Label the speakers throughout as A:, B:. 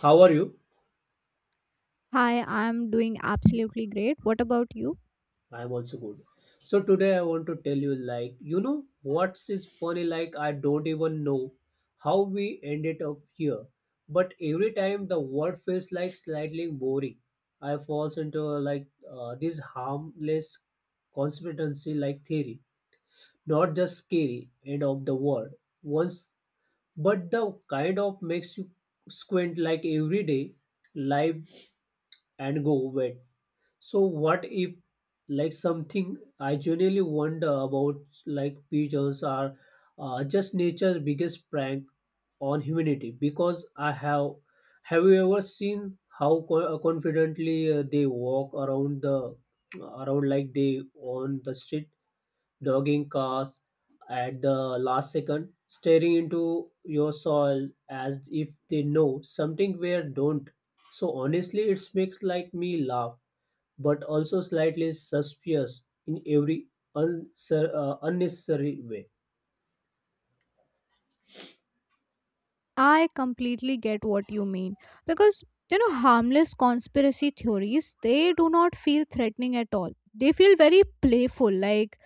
A: How are you?
B: Hi, I'm doing absolutely great. What about you?
A: I'm also good. So today I want to tell you like you know what's is funny like I don't even know how we ended up here. But every time the word feels like slightly boring, I falls into like this harmless conspiracy like theory, not just scary end of the word once, but the kind of makes you squint like every day, live and go wet. So what if, like, something I genuinely wonder about, like pigeons are just nature's biggest prank on humanity, because I have you ever seen how confidently they walk around the around like they on the street, dogging cars at the last second, staring into your soul as if they know something where don't. So honestly it makes like me laugh, but also slightly suspicious in every unnecessary way.
B: I completely get what you mean because you know harmless conspiracy theories they do not feel threatening at all. They feel very playful like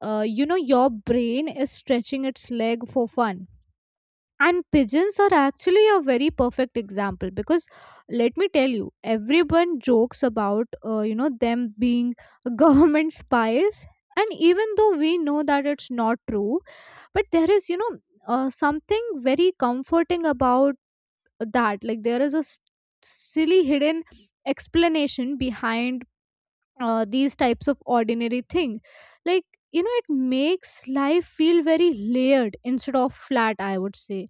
B: you know your brain is stretching its leg for fun, and pigeons are actually a very perfect example because let me tell you everyone jokes about you know them being government spies, and even though we know that it's not true, but there is you know something very comforting about that, like there is a silly hidden explanation behind these types of ordinary thing, like you know it makes life feel very layered instead of flat I would say,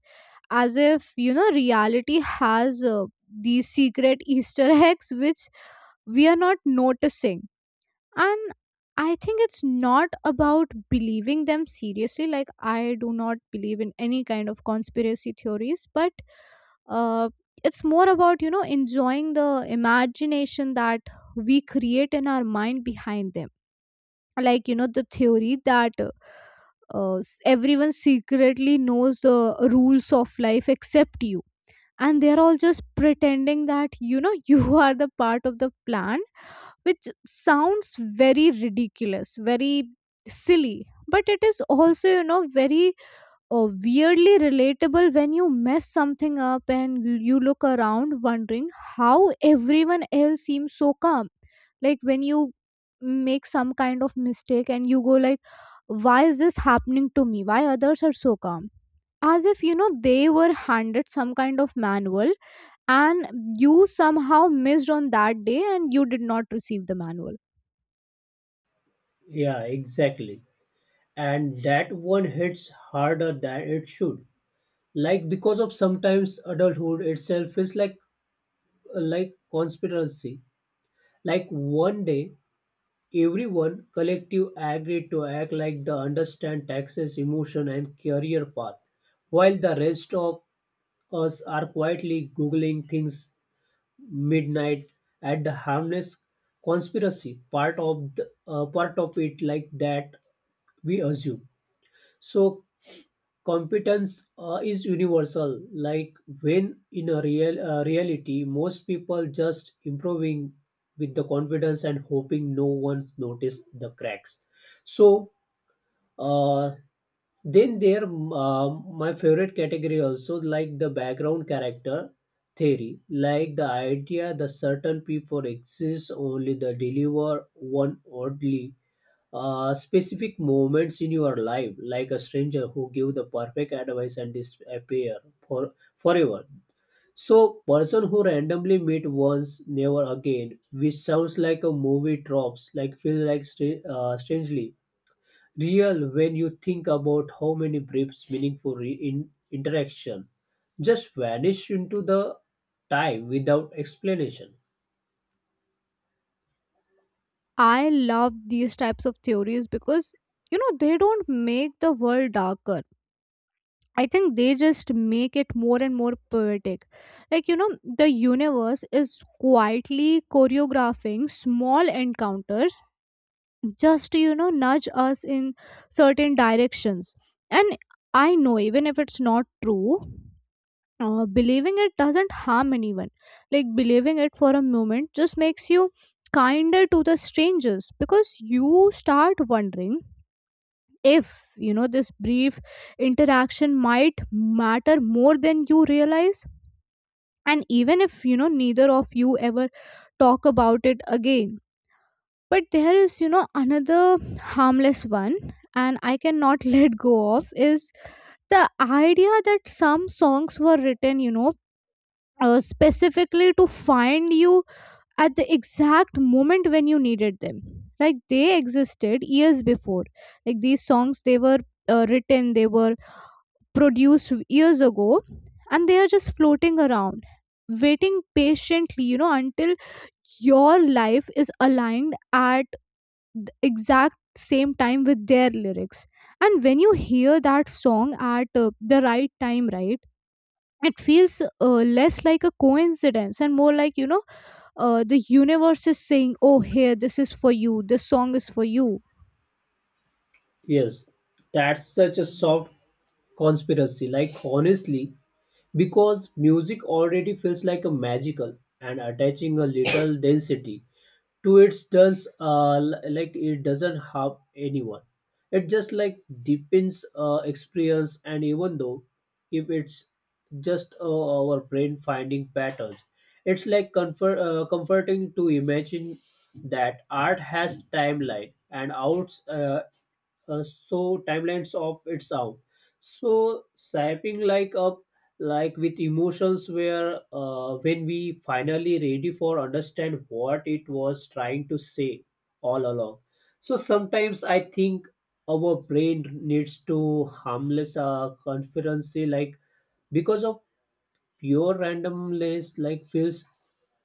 B: as if you know reality has these secret easter eggs which we are not noticing. And I think it's not about believing them seriously, like I do not believe in any kind of conspiracy theories, but uh, it's more about you know enjoying the imagination that we create in our mind behind them, like you know the theory that everyone secretly knows the rules of life except you, and they're all just pretending that you know you are the part of the plan, which sounds very ridiculous, very silly. But it is also, you know, very weirdly relatable when you mess something up and you look around wondering how everyone else seems so calm. Like when you make some kind of mistake and you go like, why is this happening to me, why others are so calm, as if you know they were handed some kind of manual and you somehow missed on that day and you did not receive the manual.
A: Yeah, exactly. And that one hits harder than it should. Like, because of sometimes adulthood itself is like conspiracy. Like one day everyone collective agreed to act like they understand taxes, emotion and career path, while the rest of us are quietly googling things midnight at the harmless conspiracy part of it, like that we assume so competence is universal, like when in a reality most people just improving with the confidence and hoping no one noticed the cracks. So uh, then there my favorite category also, like the background character theory, like the idea that certain people exist only they deliver one oddly specific moments in your life, like a stranger who give the perfect advice and disappear for forever. So person who randomly meet once never again, which sounds like a movie tropes, like feel like strangely real when you think about how many brief, meaningful interaction just vanish into the time without explanation.
B: I love these types of theories because you know they don't make the world darker. I think they just make it more and more poetic. Like you know the universe is quietly choreographing small encounters just to you know nudge us in certain directions. And I know even if it's not true, believing it doesn't harm anyone. Like believing it for a moment just makes you kinder to the strangers because you start wondering if you know this brief interaction might matter more than you realize, and even if you know neither of you ever talk about it again. But there is you know another harmless one, and I cannot let go of, is the idea that some songs were written you know specifically to find you at the exact moment when you needed them, like they existed years before, like these songs they were written, they were produced years ago, and they are just floating around waiting patiently you know until your life is aligned at the exact same time with their lyrics. And when you hear that song at the right time, right, it feels less like a coincidence and more like you know the universe is saying, oh, here, this is for you, this song is for you.
A: Yes, that's such a soft conspiracy. Like honestly, because music already feels like a magical and attaching a little density to it, does like it doesn't harm anyone. It just like deepens experience, and even though if it's just our brain finding patterns, it's like comforting to imagine that art has timeline and outs so timelines of its out, so shaping like up, like with emotions where when we finally ready for understand what it was trying to say all along. So sometimes I think our brain needs to harmless confidence, like because of pure randomness like feels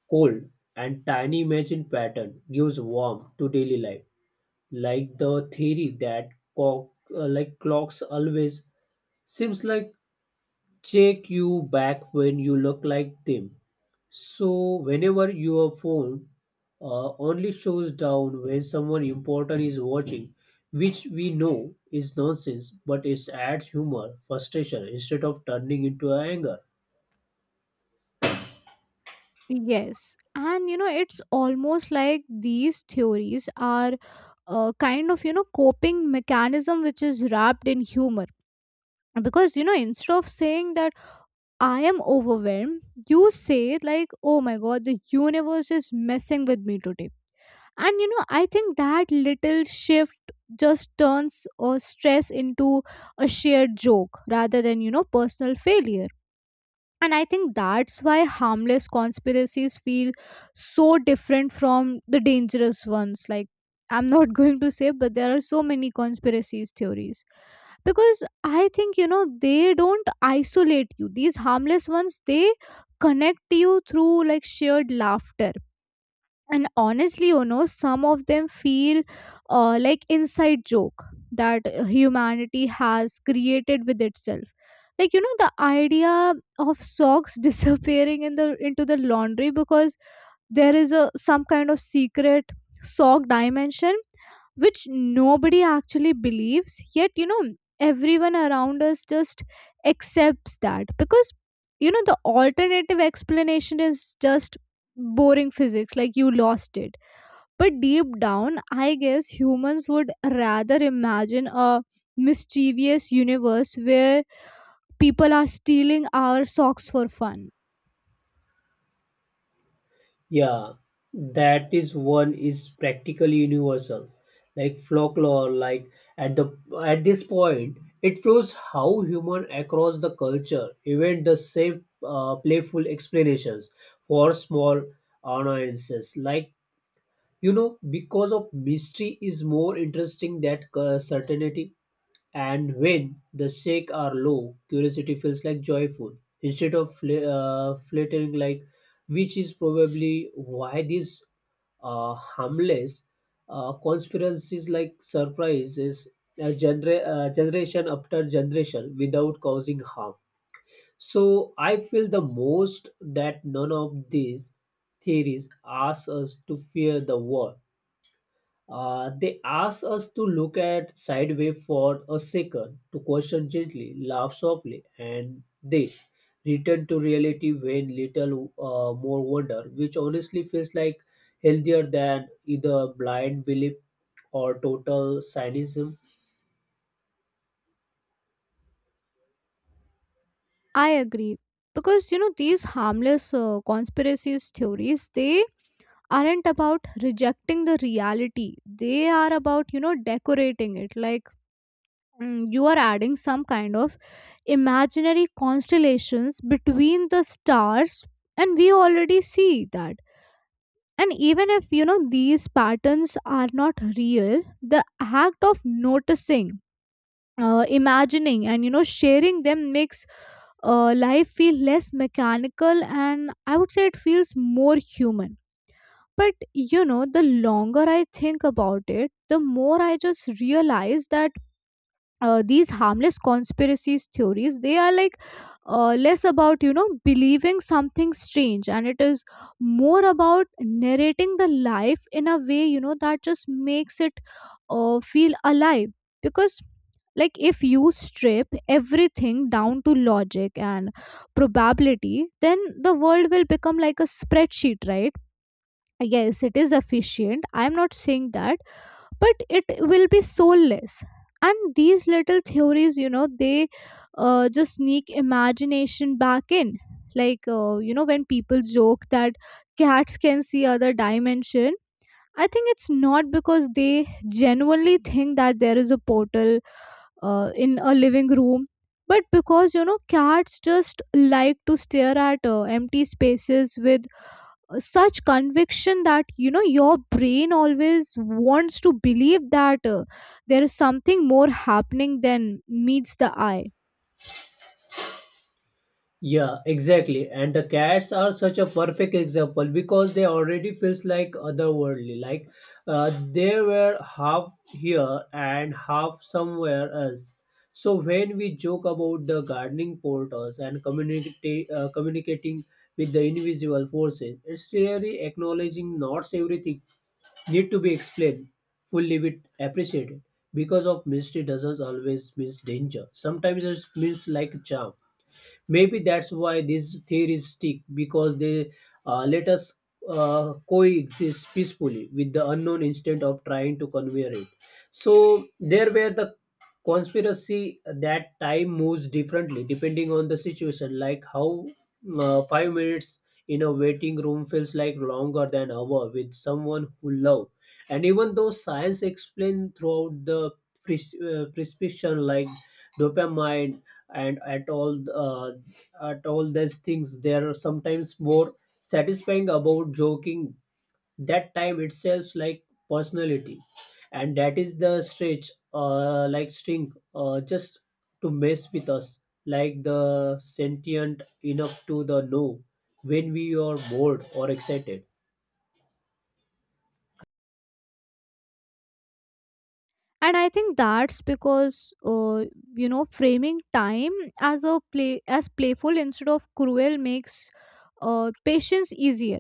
A: cold, and tiny imagine pattern gives warmth to daily life, like the theory that clock, clocks always seems like check you back when you look like them. So whenever your phone only shows down when someone important is watching, which we know is nonsense, but it adds humor frustration instead of turning into anger.
B: Yes. And you know, it's almost like these theories are a kind of, you know, coping mechanism which is wrapped in humor, because you know instead of saying that I am overwhelmed, you say like, oh my god, the universe is messing with me today. And you know I think that little shift just turns or stress into a shared joke rather than you know personal failure. And I think that's why harmless conspiracies feel so different from the dangerous ones. Like I'm not going to say, but there are so many conspiracies theories because I think you know they don't isolate you, these harmless ones they connect you through like shared laughter. And honestly you know some of them feel like inside joke that humanity has created with itself, like you know the idea of socks disappearing in the laundry because there is a some kind of secret sock dimension which nobody actually believes, yet you know everyone around us just accepts that because you know the alternative explanation is just boring physics, like you lost it. But deep down, I guess humans would rather imagine a mischievous universe where people are stealing our socks for fun.
A: Yeah, that is one is practically universal, like folklore. Like at the at this point, it shows how human across the culture, even the same playful explanations for small annoyances, like you know because of mystery is more interesting than certainty, and when the stakes are low curiosity feels like joyful instead of flattering, like which is probably why these harmless conspiracies like surprises generation after generation without causing harm. So I feel the most that none of these theories ask us to fear the world. They ask us to look at sideways for a second, to question gently, laugh softly, and then return to reality when little more wonder, which honestly feels like healthier than either blind belief or total cynicism.
B: I agree. Because, you know, these harmless conspiracies theories, they aren't about rejecting the reality. They are about, you know, decorating it. Like, you are adding some kind of imaginary constellations between the stars, and we already see that. And even if you know these patterns are not real, the act of noticing, imagining, and you know sharing them makes life feel less mechanical, and I would say it feels more human. But you know, the longer I think about it, the more I just realize that these harmless conspiracies theories they are like less about you know believing something strange, and it is more about narrating the life in a way you know that just makes it feel alive. Because like if you strip everything down to logic and probability, then the world will become like a spreadsheet, right? Yes, it is efficient, I am not saying that, but it will be soulless. And these little theories you know they just sneak imagination back in. Like you know when people joke that cats can see other dimension, I think it's not because they genuinely think that there is a portal in a living room, but because you know cats just like to stare at empty spaces with such conviction that you know your brain always wants to believe that there is something more happening than meets the eye.
A: Yeah, exactly. And the cats are such a perfect example, because they already feels like otherworldly. Like they were half here and half somewhere else. So when we joke about the gardening portals and community communicating with the invisible forces, it's really acknowledging not everything need to be explained fully with appreciated, because of mystery doesn't always means danger. Sometimes it means like charm. Maybe that's why these theories stick, because they let us coexist peacefully with the unknown instead of trying to convey it. So there were the conspiracy that time moves differently depending on the situation, like how 5 minutes in a waiting room feels like longer than hour with someone who love, and even though science explained throughout the prescription, like dopamine and at all these things, there are sometimes more satisfying about joking that time itself like personality, and that is the stretch like string just to mess with us, like the sentient enough to the know when we are bored or excited.
B: And I think that's because you know framing time as playful instead of cruel makes patience easier,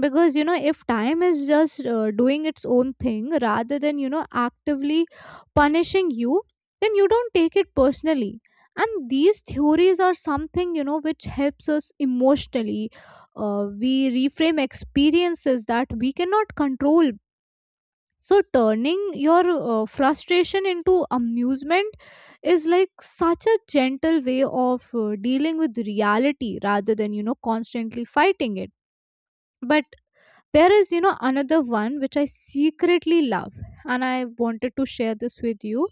B: because you know if time is just doing its own thing rather than you know actively punishing you, then you don't take it personally. And these theories are something you know which helps us emotionally, we reframe experiences that we cannot control. So turning your frustration into amusement is like such a gentle way of dealing with reality rather than you know constantly fighting it. But there is, you know, another one which I secretly love, and I wanted to share this with you.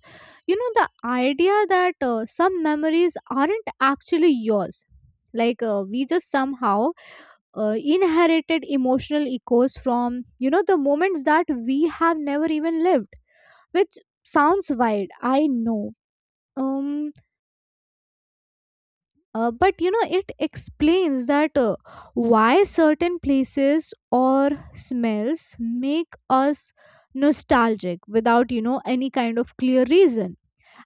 B: You know, the idea that some memories aren't actually yours. Like, we just somehow inherited emotional echoes from, you know, the moments that we have never even lived, which sounds wild, I know. Um, but you know it explains that why certain places or smells make us nostalgic without you know any kind of clear reason.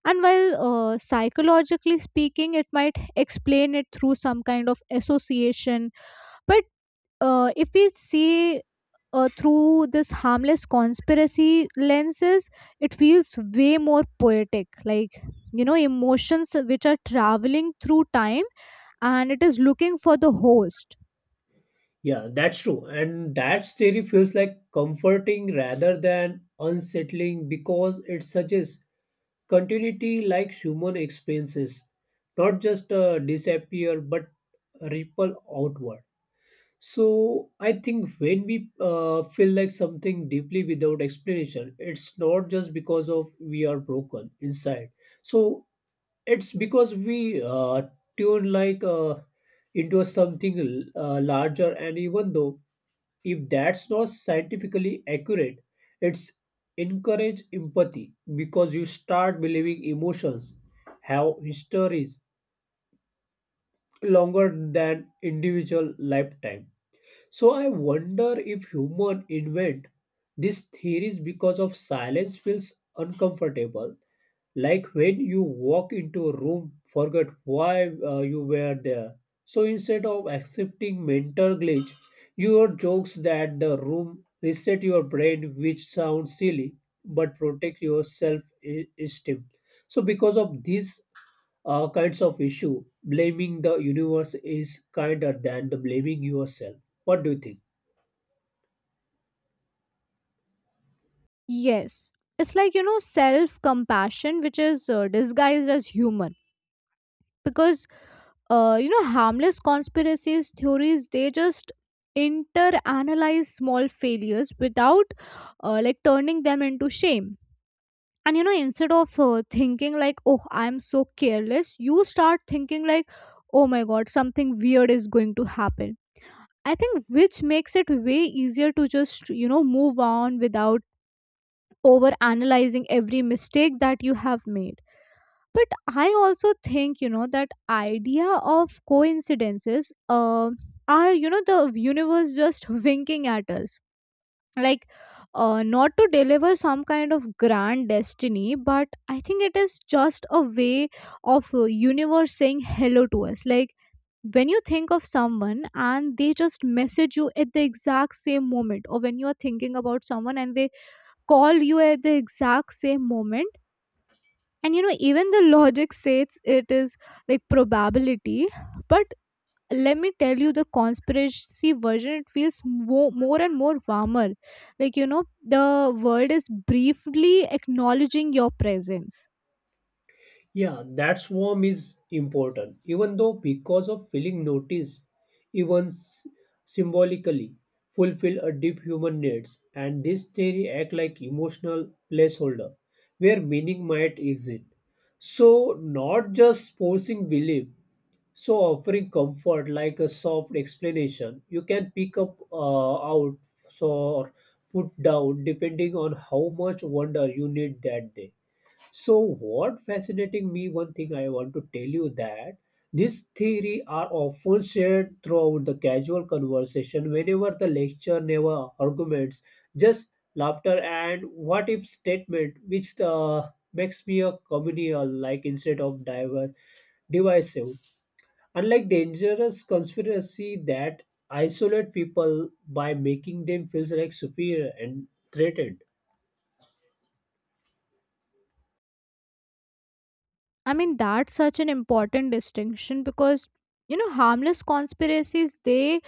B: And while psychologically speaking it might explain it through some kind of association, but if we see through this harmless conspiracy lenses, it feels way more poetic. Like you know emotions which are traveling through time, and it is looking for the host.
A: Yeah, that's true. And that theory feels like comforting rather than unsettling, because it suggests continuity, like human experiences not just disappear but ripple outward. So I think when we feel like something deeply without explanation, it's not just because of we are broken inside. So it's because we tune like into something larger, and even though if that's not scientifically accurate, it's encourage empathy because you start believing emotions have histories longer than individual lifetime. So I wonder if human invent these theories because of silence feels uncomfortable, like when you walk into a room forget why you were there. So instead of accepting mental glitch, your jokes that the room reset your brain, which sounds silly but protect your self esteem. So because of these kinds of issue, blaming the universe is kinder than the blaming yourself. What do you think?
B: Yes. It's like, you know, self compassion, which is disguised as humor. Because, you know, harmless conspiracies theories, they just inter analyze small failures without like turning them into shame. And, you know, instead of thinking like, oh, I'm so careless, you start thinking like, oh my god, something weird is going to happen. I think which makes it way easier to just, you know, move on without over analyzing every mistake that you have made. But I also think you know that idea of coincidences are you know the universe just winking at us, like not to deliver some kind of grand destiny, but I think it is just a way of universe saying hello to us, like when you think of someone and they just message you at the exact same moment, or when you are thinking about someone and they call you at the exact same moment. And you know even the logic says it is like probability, but let me tell you the conspiracy version, it feels more and more warmer, like you know the world is briefly acknowledging your presence.
A: Yeah, that swarm is important, even though because of feeling noticed, even symbolically, fulfill a deep human needs, and this theory act like emotional placeholder where meaning might exist. So not just forcing belief, so offering comfort like a soft explanation you can pick up out, so or put down depending on how much wonder you need that day. So what fascinating me, one thing I want to tell you, that this theory are often shared throughout the casual conversation whenever the lecture never arguments, just laughter and what if statement, which makes me a communal like instead of diver divisive. Unlike dangerous conspiracy that isolate people by making them feel like superior and threatened.
B: I mean that's such an important distinction because you know harmless conspiracies they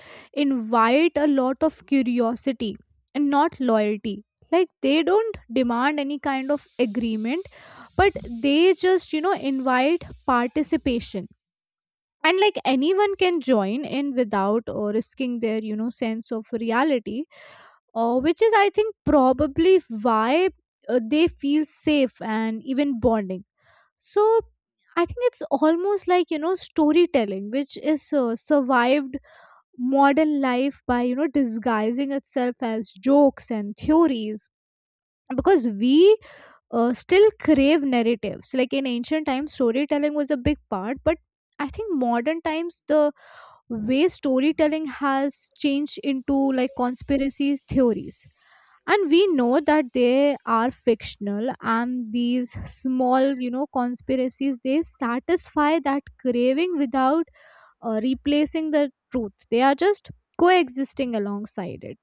B: invite a lot of curiosity and not loyalty, like they don't demand any kind of agreement, but they just you know invite participation, and like anyone can join in without or risking their you know sense of reality, which is I think probably why they feel safe and even bonding. So I think it's almost like you know storytelling which is survived modern life by you know disguising itself as jokes and theories, because we still crave narratives. Like in ancient times, storytelling was a big part, but I think modern times the way storytelling has changed into like conspiracy theories. And we know that they are fictional, and these small, you know, conspiracies they satisfy that craving without replacing the truth. They are just coexisting alongside it.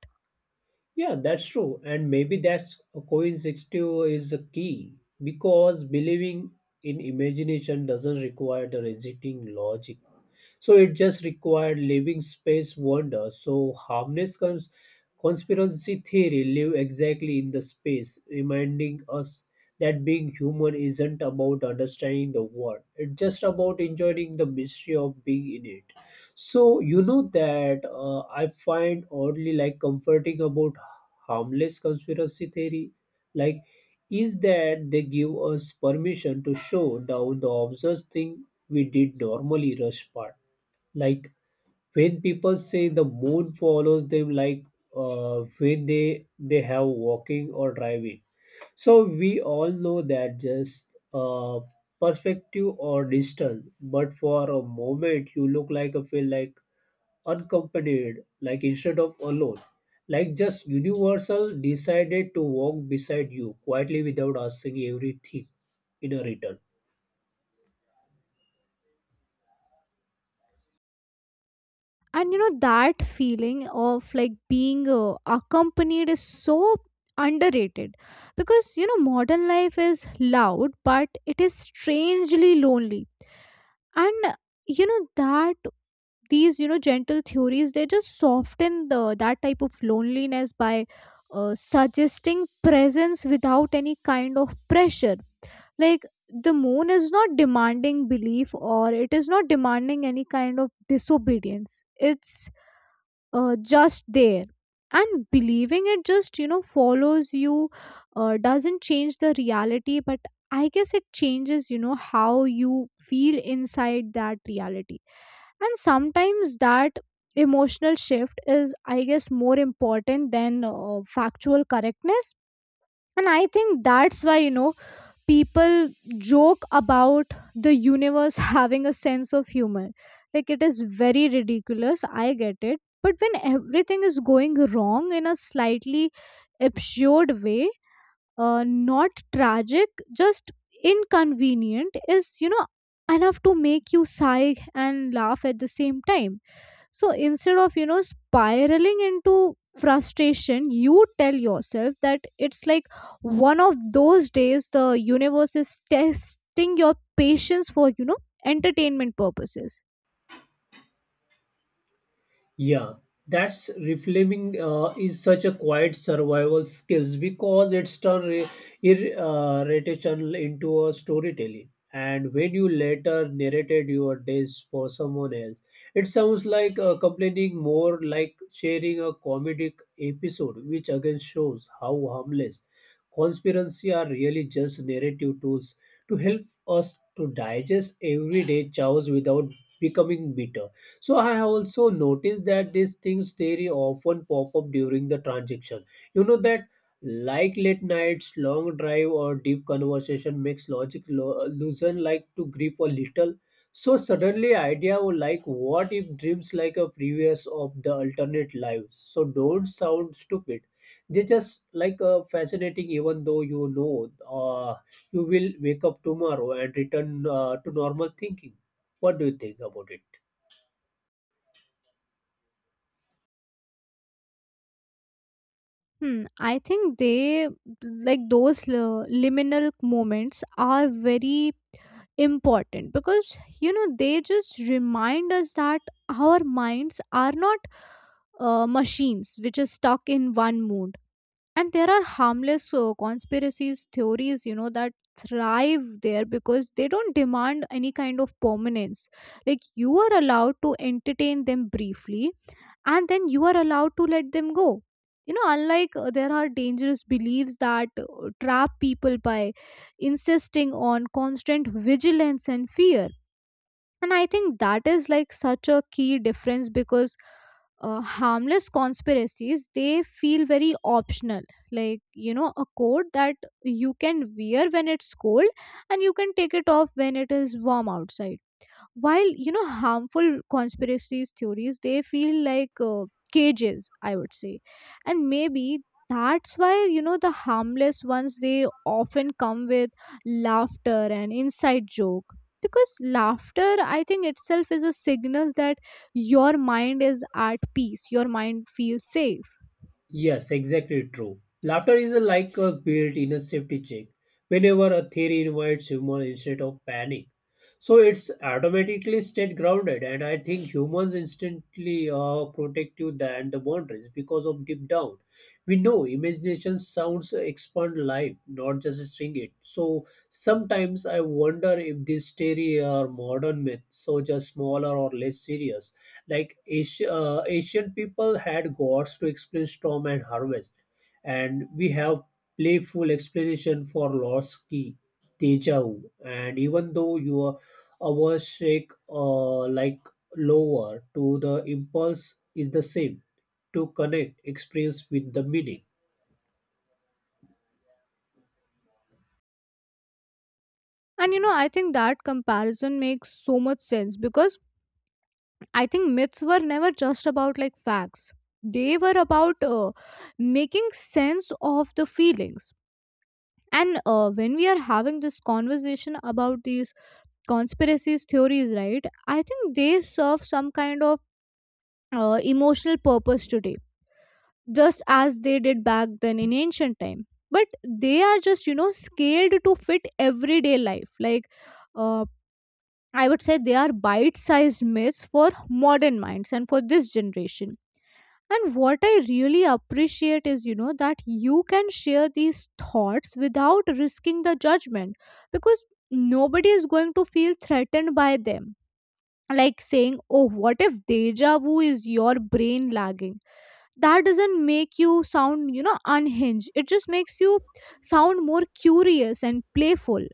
A: Yeah, that's true. And maybe that's a coincidence is a key, because believing in imagination doesn't require the rejecting logic. So it just required living space wonder. So harmless conspiracy theory live exactly in the space, reminding us that being human isn't about understanding the world. It's just about enjoying the mystery of being in it. So you know that I find oddly like comforting about harmless conspiracy theory, like, is that they give us permission to show down the obvious thing we did normally rush past, like when people say the moon follows them, like when they have walking or driving. So we all know that just uh, perspective or distance, but for a moment you look like a feel like unaccompanied like instead of alone, like just universal decided to walk beside you quietly without asking everything in a return.
B: And you know that feeling of like being accompanied is so underrated, because you know modern life is loud but it is strangely lonely. And you know that these you know gentle theories, they just soften the that type of loneliness by suggesting presence without any kind of pressure. Like the moon is not demanding belief, or it is not demanding any kind of disobedience. It's just there, and believing it just you know follows you, doesn't change the reality, but I guess it changes you know how you feel inside that reality. And sometimes that emotional shift is I guess more important than factual correctness. And I think that's why you know people joke about the universe having a sense of humor. Like it is very ridiculous, I get it. But when everything is going wrong in a slightly absurd way, not tragic, just inconvenient, is, you know, enough to make you sigh and laugh at the same time. So instead of, you know, spiraling into frustration, you tell yourself that it's like one of those days the universe is testing your patience for, you know, entertainment purposes.
A: Yeah, that's reframing is such a quiet survival skills, because it's turned irritational into a storytelling. And when you later narrated your days for someone else, it sounds like complaining more like sharing a comedic episode, which again shows how harmless conspiracy are really just narrative tools to help us to digest everyday chaos without becoming bitter. So I have also noticed that these things very often pop up during the transaction. You know that like late nights, long drive, or deep conversation makes logic loosen like to grip a little. So suddenly idea were like what if dreams like a previous of the alternate lives. So don't sound stupid. They just like fascinating, even though you know uh, you will wake up tomorrow and return to normal thinking. What do you think about it?
B: Hmm, I think they like those liminal moments are very important, because you know they just remind us that our minds are not machines which is stuck in one mood. And there are harmless conspiracies theories you know that thrive there because they don't demand any kind of permanence. Like you are allowed to entertain them briefly and then you are allowed to let them go. You know, unlike there are dangerous beliefs that trap people by insisting on constant vigilance and fear. And I think that is like such a key difference, because harmless conspiracies they feel very optional, like you know a coat that you can wear when it's cold and you can take it off when it is warm outside, while you know harmful conspiracy theories they feel like cages I would say. And maybe that's why you know the harmless ones they often come with laughter and inside joke, because laughter I think itself is a signal that your mind is at peace, your mind feels safe.
A: Yes, exactly true. Laughter is like a built in a safety check whenever a theory invites humor instead of panic. So it's automatically stayed grounded, and I think humans instantly are protective than the boundaries because of deep down. We know imagination sounds expand life, not just string it. So sometimes I wonder if this theory are modern myth, so just smaller or less serious, like asian people had gods to explain storm and harvest, and we have playful explanation for lost key, deja vu, and even though you are our shake like lower to the impulse is the same, to connect experience with the meaning.
B: And you know I think that comparison makes so much sense because I think myths were never just about like facts. They were about making sense of the feelings. And when we are having this conversation about these conspiracies theories, right? I think they serve some kind of emotional purpose today, just as they did back then in ancient time. But they are just you know scaled to fit everyday life. Like uh, I would say, they are bite-sized myths for modern minds and for this generation. And what I really appreciate is, you know, that you can share these thoughts without risking the judgment, because nobody is going to feel threatened by them. Like saying, oh, what if deja vu is your brain lagging? That doesn't make you sound, you know, unhinged. It just makes you sound more curious and playful.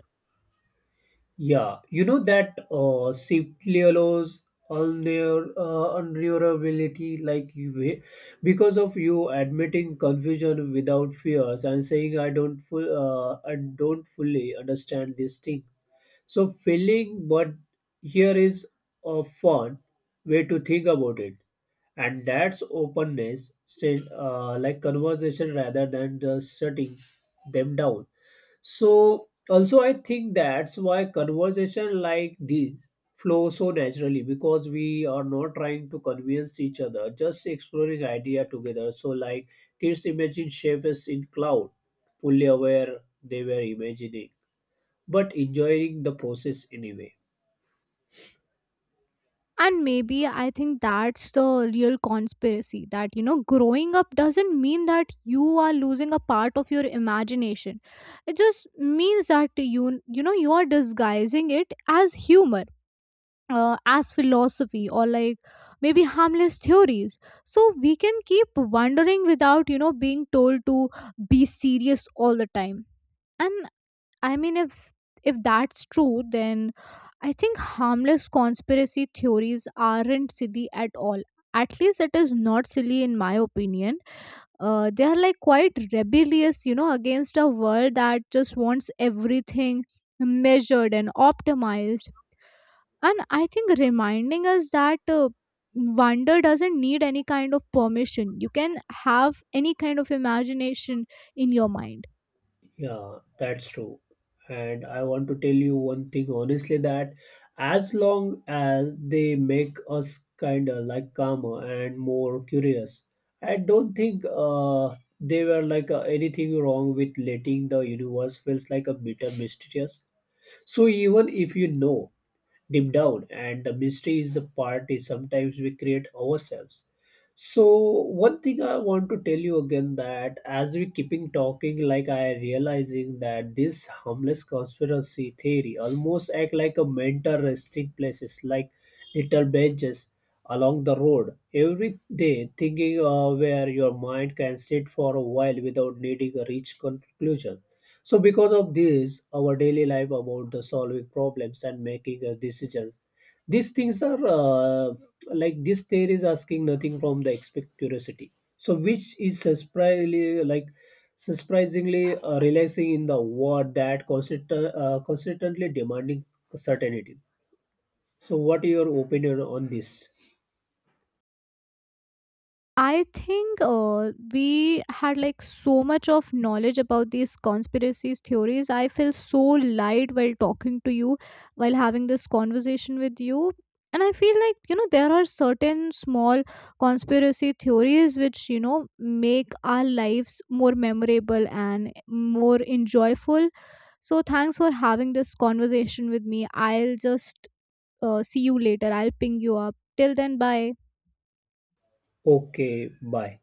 A: Yeah, you know that safely allows unreal, unrealability, like you, because of you admitting confusion without fears, and saying I don't fully understand this thing. So feeling, but here is a fun way to think about it, and that's openness, say, like conversation rather than just shutting them down. So also I think that's why conversation like this flow so naturally, because we are not trying to convince each other, just exploring idea together. So like kids imagine shapes in cloud, fully aware they were imagining, but enjoying the process anyway.
B: And maybe I think that's the real conspiracy that, you know, growing up doesn't mean that you are losing a part of your imagination. It just means that you know, you are disguising it as humor, as philosophy, or like maybe harmless theories. So we can keep wondering without, you know, being told to be serious all the time. And I mean, if that's true, then I think harmless conspiracy theories aren't silly at all. At least it is not silly in my opinion. They are like quite rebellious, you know, against a world that just wants everything measured and optimized. And I think reminding us that wonder doesn't need any kind of permission. You can have any kind of imagination in your mind.
A: Yeah, that's true. And I want to tell you one thing honestly, that as long as they make us kind of like calmer and more curious, I don't think they were like anything wrong with letting the universe feels like a bit mysterious. So even if you know deep down and the mystery is the party sometimes we create ourselves. So one thing I want to tell you again, that as we keeping talking, like I realizing that this harmless conspiracy theory almost act like a mental resting places, like little benches along the road every day thinking where your mind can sit for a while without needing a reach conclusion. So because of this, our daily life about the solving problems and making decisions, these things are like this theory is asking nothing from the expect curiosity. So which is surprisingly relaxing in the world that constantly demanding certainty. So what is your opinion on this?
B: I think we had like so much of knowledge about these conspiracies theories. I feel so light while talking to you, while having this conversation with you. And I feel like, you know, there are certain small conspiracy theories which, you know, make our lives more memorable and more enjoyable. So thanks for having this conversation with me. I'll just see you later. I'll ping you up. Till then, bye.
A: Okay, bye.